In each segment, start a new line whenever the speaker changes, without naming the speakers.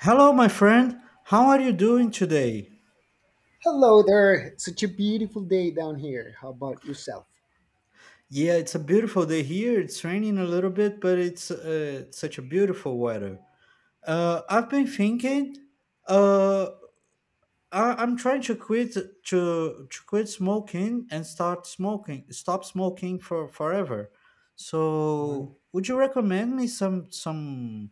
Hello, my friend. How are you doing today?
Hello there. Such a beautiful day down here. How about yourself?
Yeah, it's a beautiful day here. It's raining a little bit, but it's such a beautiful weather. I've been thinking. Uh, I'm trying to quit smoking and start smoking. Stop smoking for forever.
Mm.
So, would you recommend me some some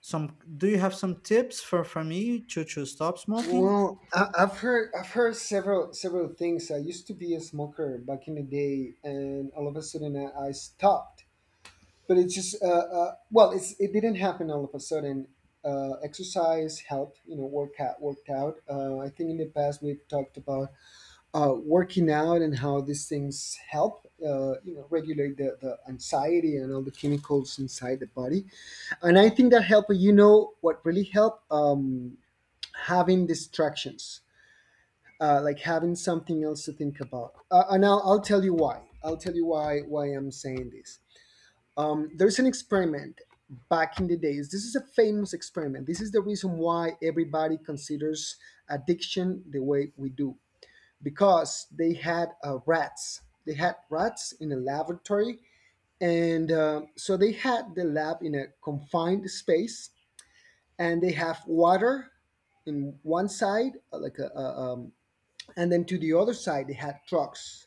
some? Do you have some tips for me to stop smoking?
Well, I've heard several things. I used to be a smoker back in the day, and all of a sudden I stopped. But it's just well, it didn't happen all of a sudden. Exercise helped, you know, work out, worked out. I think in the past we've talked about working out and how these things help, you know, regulate the anxiety and all the chemicals inside the body, and I think that helped. You know what really helped? Having distractions, like having something else to think about. And I'll tell you why I'll tell you why I'm saying this. There's an experiment back in the days. This is a famous experiment. This is the reason why everybody considers addiction the way we do, because they had rats, in a laboratory. And so they had the lab in a confined space, and they have water in one side, like a and then to the other side they had drugs.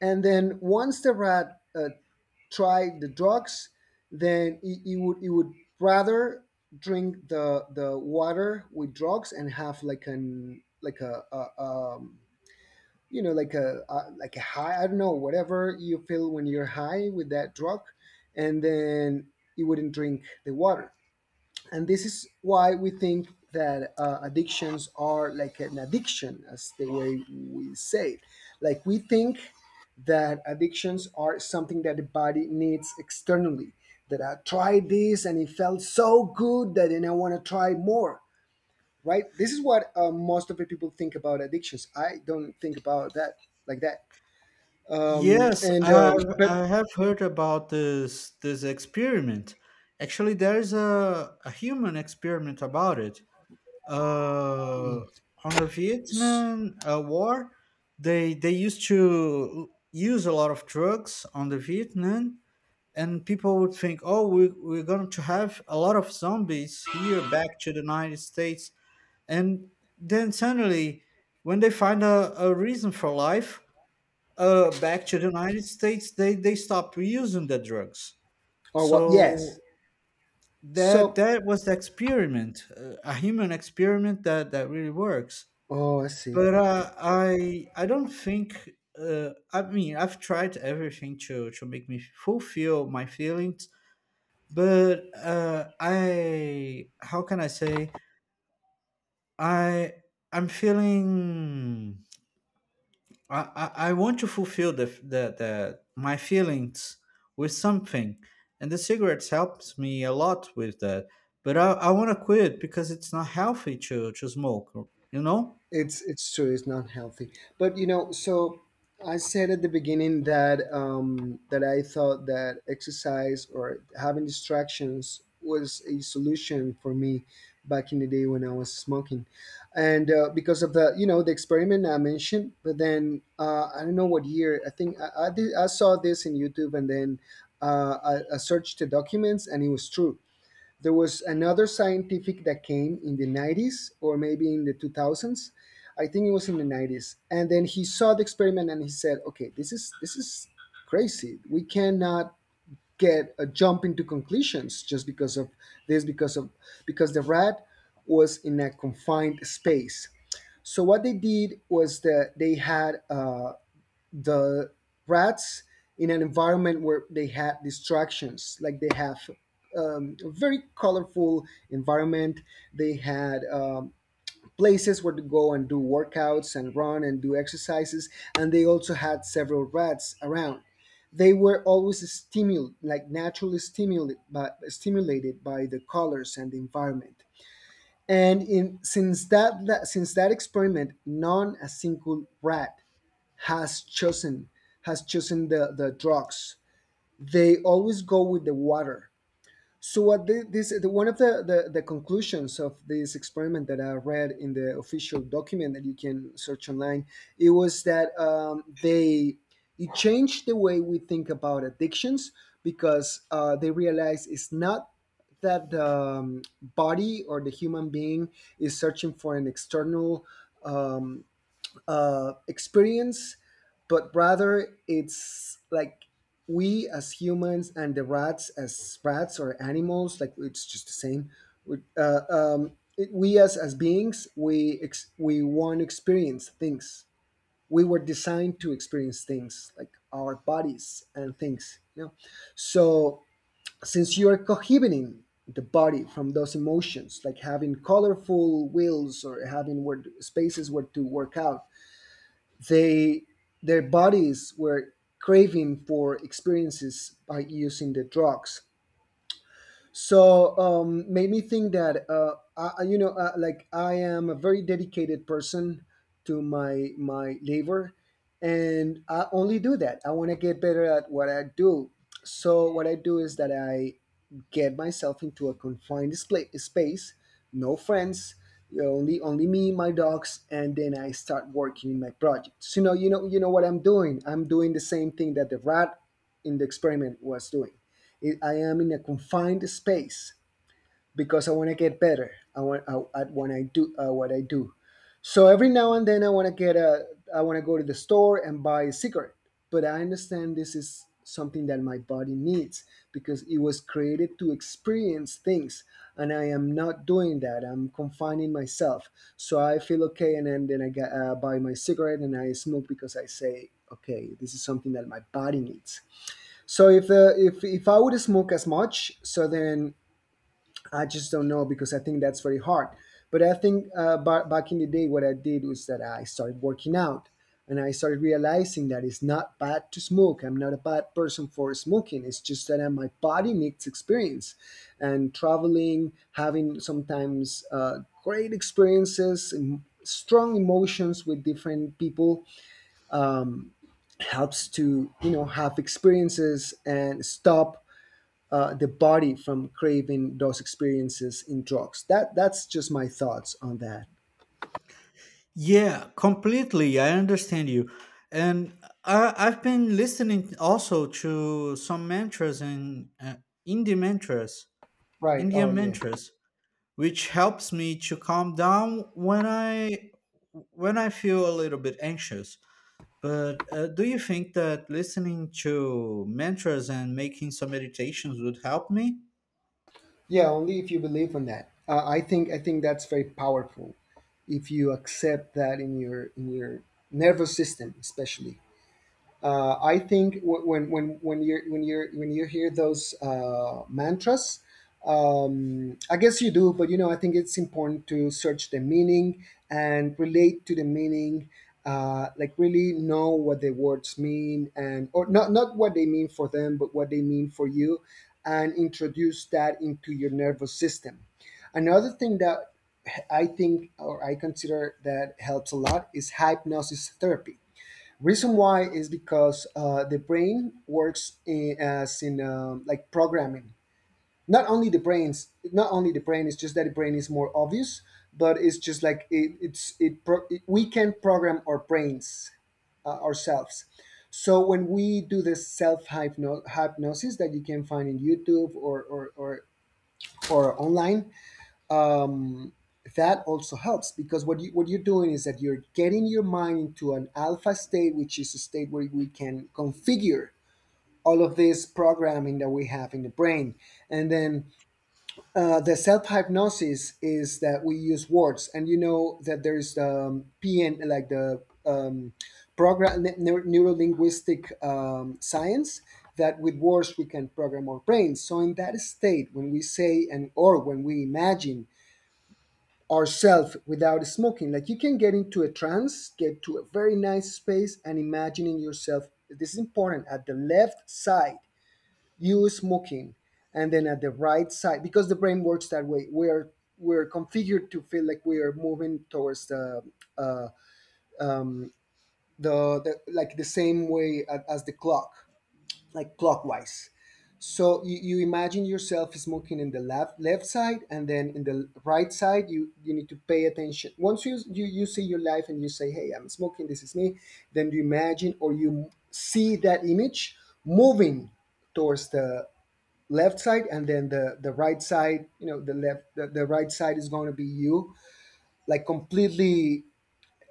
And then once the rat tried the drugs, then he would rather drink the water with drugs and have like an like a you know, like a high. I don't know whatever you feel when you're high with that drug, and then he wouldn't drink the water. And this is why we think that addictions are like an addiction, as the way we say it, like we think that addictions are something that the body needs externally, that I tried this and it felt so good that then I want to try more. Right? This is what most of the people think about addictions. I don't think about that like that. um
Yes,
and um
I've,
but
I have heard about this experiment. Actually, there's a human experiment about it. Uh, on the
s-
Vietnam War, they used to use a lot of drugs on the Vietnam, and people would think, oh, we're going to have a lot of zombies here back to the United States. And then suddenly, when they find a reason for life, back to the United States, they stopped reusing the drugs.
or what? Yes.
So that
So,
that was the experiment, a human experiment that really works.
oh, I see.
But I don't think. I mean, I've tried everything to make me fulfill my feelings, but I, how can I say, I I'm feeling I, I want to fulfill the my feelings with something, and the cigarettes helps me a lot with that. But I want to quit because it's not healthy to smoke. You know?
It's true. It's not healthy. But you know, so I said at the beginning that that I thought that exercise or having distractions was a solution for me back in the day when I was smoking, and because of the, you know, the experiment I mentioned. But then I don't know what year. I think I saw this in YouTube, and then I searched the documents, and it was true. There was another scientific that came in the 90s or maybe in the 2000s. I think it was in the 90s. And then he saw the experiment and he said, "Okay, this is crazy. We cannot get a jump into conclusions just because of this, because of, because the rat was in a confined space." So what they did was that they had the rats in an environment where they had distractions, like they have a very colorful environment. They had places where to go and do workouts and run and do exercises, and they also had several rats around. They were always stimulated, like naturally stimulated stimulated by the colors and the environment. And in since that, that since that experiment, none a single rat has chosen, has chosen the drugs. They always go with the water. So what one of the conclusions of this experiment that I read in the official document that you can search online, it was that they, it changed the way we think about addictions, because they realized it's not that the body or the human being is searching for an external um, experience, but rather it's like we as humans and the rats as rats or animals, like it's just the same. We as beings, we want to experience things. We were designed to experience things, like our bodies and things, you know. So since you are cohibiting the body from those emotions, like having colorful wheels or having where spaces where to work out, they, their bodies were craving for experiences by using the drugs. So made me think that you know, like I am a very dedicated person to my labor, and I only do that. I want to get better at what I do. So what I do is that I get myself into a space, no friends, you know, only me, my dogs, and then I start working in my project. So you know what I'm doing? I'm doing the same thing that the rat in the experiment was doing. It, I am in a confined space because I want to get better. At when I do what I do. So every now and then I want to get a I want to go to the store and buy a cigarette. But I understand this is something that my body needs, because it was created to experience things, and I am not doing that. I'm confining myself. So I feel okay, and then I get, buy my cigarette and I smoke, because I say, okay, this is something that my body needs. So if the if I would smoke as much, so then I just don't know because I think that's very hard. But I think back in the day, what I did was that I started working out, and I started realizing that it's not bad to smoke. I'm not a bad person for smoking. It's just that my body needs experience, and traveling, having sometimes great strong emotions with different people helps to, you know, have experiences and stop the body from craving those experiences in drugs. That that's just my thoughts on that.
Yeah, completely. I understand you, and I've been listening also to some mantras and indie mantras,
Right. Oh
Indian
yeah.
mantras, which helps me to calm down when I feel a little bit anxious. But do you think that listening to mantras and making some meditations would help me?
Yeah. Only if you believe in that. I think I think that's very powerful. If you accept that in your nervous system, especially. I think w- when you when you when you hear those mantras, I guess you do, but you know, I think it's important to search the meaning and relate to the meaning. Like really know what the words mean, and or not what they mean for them but what they mean for you, and introduce that into your nervous system. Another thing that I think or I consider that helps a lot is hypnosis therapy. Reason why is because the brain works in, as in like programming. Not only the brains, not only the brain. It's just that the brain is more obvious, but it's just like it, it's it, pro- it. we can program our brains ourselves. So when we do this self hypnosis that you can find in YouTube or or online, um, that also helps because what you what you're doing is that you're getting your mind into an alpha state, which is a state where we can configure all of this programming that we have in the brain, and then the self hypnosis is that we use words, and you know that there's PN, like the program neuro linguistic science, that with words we can program our brains. So in that state, when we say, and or when we imagine ourselves without smoking. Like you can get into a trance, get to a very nice space, and imagining yourself. This is important. At the left side, you smoking, and then at the right side, because the brain works that way. We're configured to feel like we are moving towards uh, the, like the same way as the clock, like clockwise. So you imagine yourself smoking in the left side, and then in the right side, you need to pay attention. Once you see your life and you say, "Hey, I'm smoking. This is me," then you imagine or you see that image moving towards the left side, and then the right side. You know, the right side is going to be you, like completely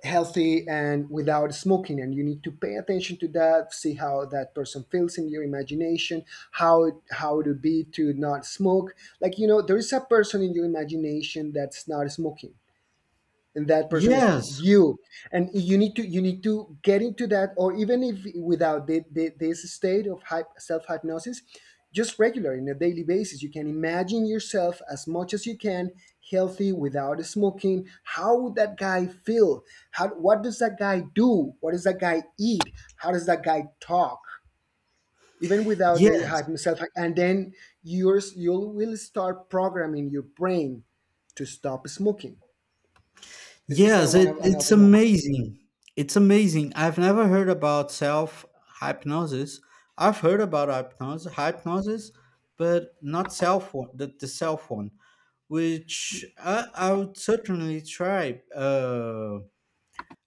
healthy and without smoking. And you need to pay attention to that, see how that person feels in your imagination. How it would be to not smoke. Like, there is a person in your imagination that's not smoking, and that person is
Yes,
you. And you need to get into that, or even if without this state of hyp self hypnosis. Just regular, in a daily basis, you can imagine yourself as much as you can, healthy without smoking. How would that guy feel? How what does that guy do? What does that guy eat? How does that guy talk? Even without the
yes,
hypnosis self, and then you will start programming your brain to stop smoking. This is that,
yes.
one of
It's
another one.
amazing. It's amazing. I've never heard about self hypnosis. I've heard about hypnosis, but not self one, the self one,
Y-
which I would certainly try.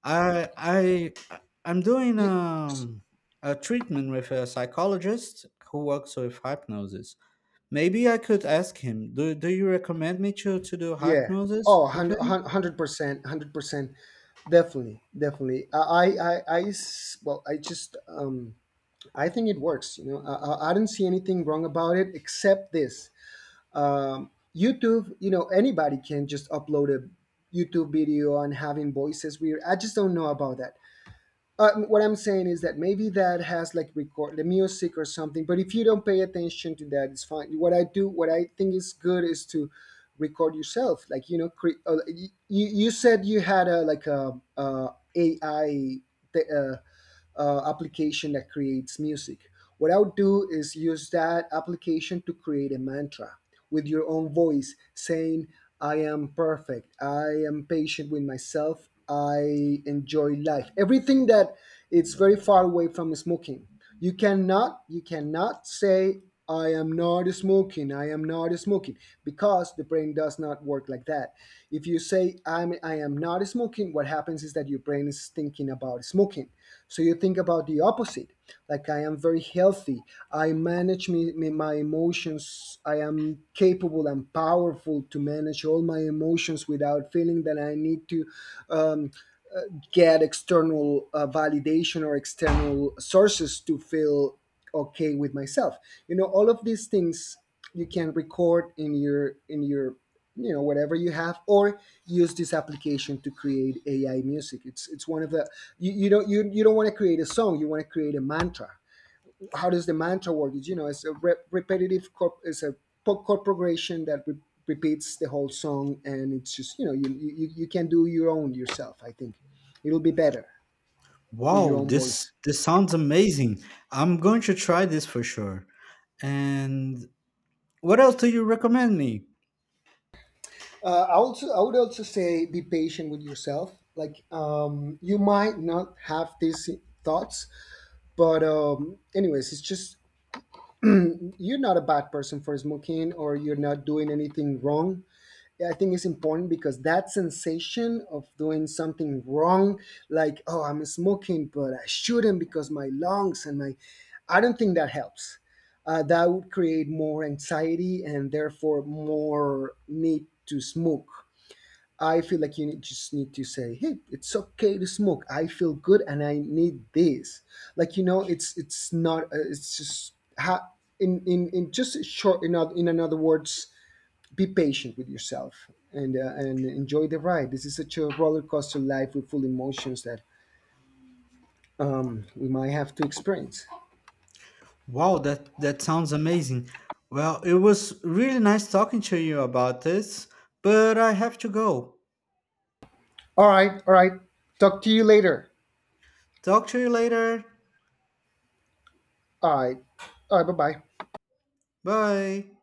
I I I- am doing
y- s-
a treatment with a psychologist who works with hypnosis. Maybe I could ask him. Do you recommend me to do
yeah.
hypnosis
Oh,
with him?
hundred percent, 100%, definitely, definitely. Well, I think it works. I didn't see anything wrong about it, except this YouTube. Anybody can just upload a YouTube video, and having voices weird, I just don't know about that. What I'm saying is that maybe that has, like, record the music or something, but if you don't pay attention to that, it's fine. What I do, what I think is good, is to record yourself. Like, you said you had a, like, a, AI, th- uh, application that creates music. What I would do is use that application to create a mantra with your own voice, saying, "I am perfect. I am patient with myself. I enjoy life. Everything that it's very far away from smoking." You cannot say, "I am not smoking. I am not smoking," because the brain does not work like that. If you say, I am not smoking," what happens is that your brain is thinking about smoking. So you think about the opposite. Like, "I am very healthy. I manage me, me my emotions. I am capable and powerful to manage all my emotions without feeling that I need to um, get external validation or external sources to feel okay with myself." All of these things you can record in your, whatever you have, or use this application to create AI music. It's one of the, you don't want to create a song, you want to create a mantra. How does the mantra work? You know, it's a repetitive, it's a pop corporation that repeats the whole song. And it's just, you can do your own yourself. I think it'll be better with your
Wow,
own
this
voice.
this sounds amazing. I'm going to try this for sure. And what else do you recommend me?
I would also say, be patient with yourself. Like, you might not have these thoughts, but anyways, it's just, you're not a bad person for smoking, or you're not doing anything wrong. Yeah, I think it's important, because that sensation of doing something wrong, like, "Oh, I'm smoking, but I shouldn't because my lungs and my," I don't think that helps. That would create more anxiety, and therefore more need to smoke. I feel like just need to say, "Hey, it's okay to smoke. I feel good, and I need this." Like, it's not. It's just how, in just short, in another words, be patient with yourself, and enjoy the ride. This is such a roller coaster life with full emotions that we might have to experience.
Wow, that sounds amazing. Well, it was really nice talking to you about this, but I have to go.
All right, all right. Talk to you later.
Talk to you later.
All right, all right. Bye bye.
Bye.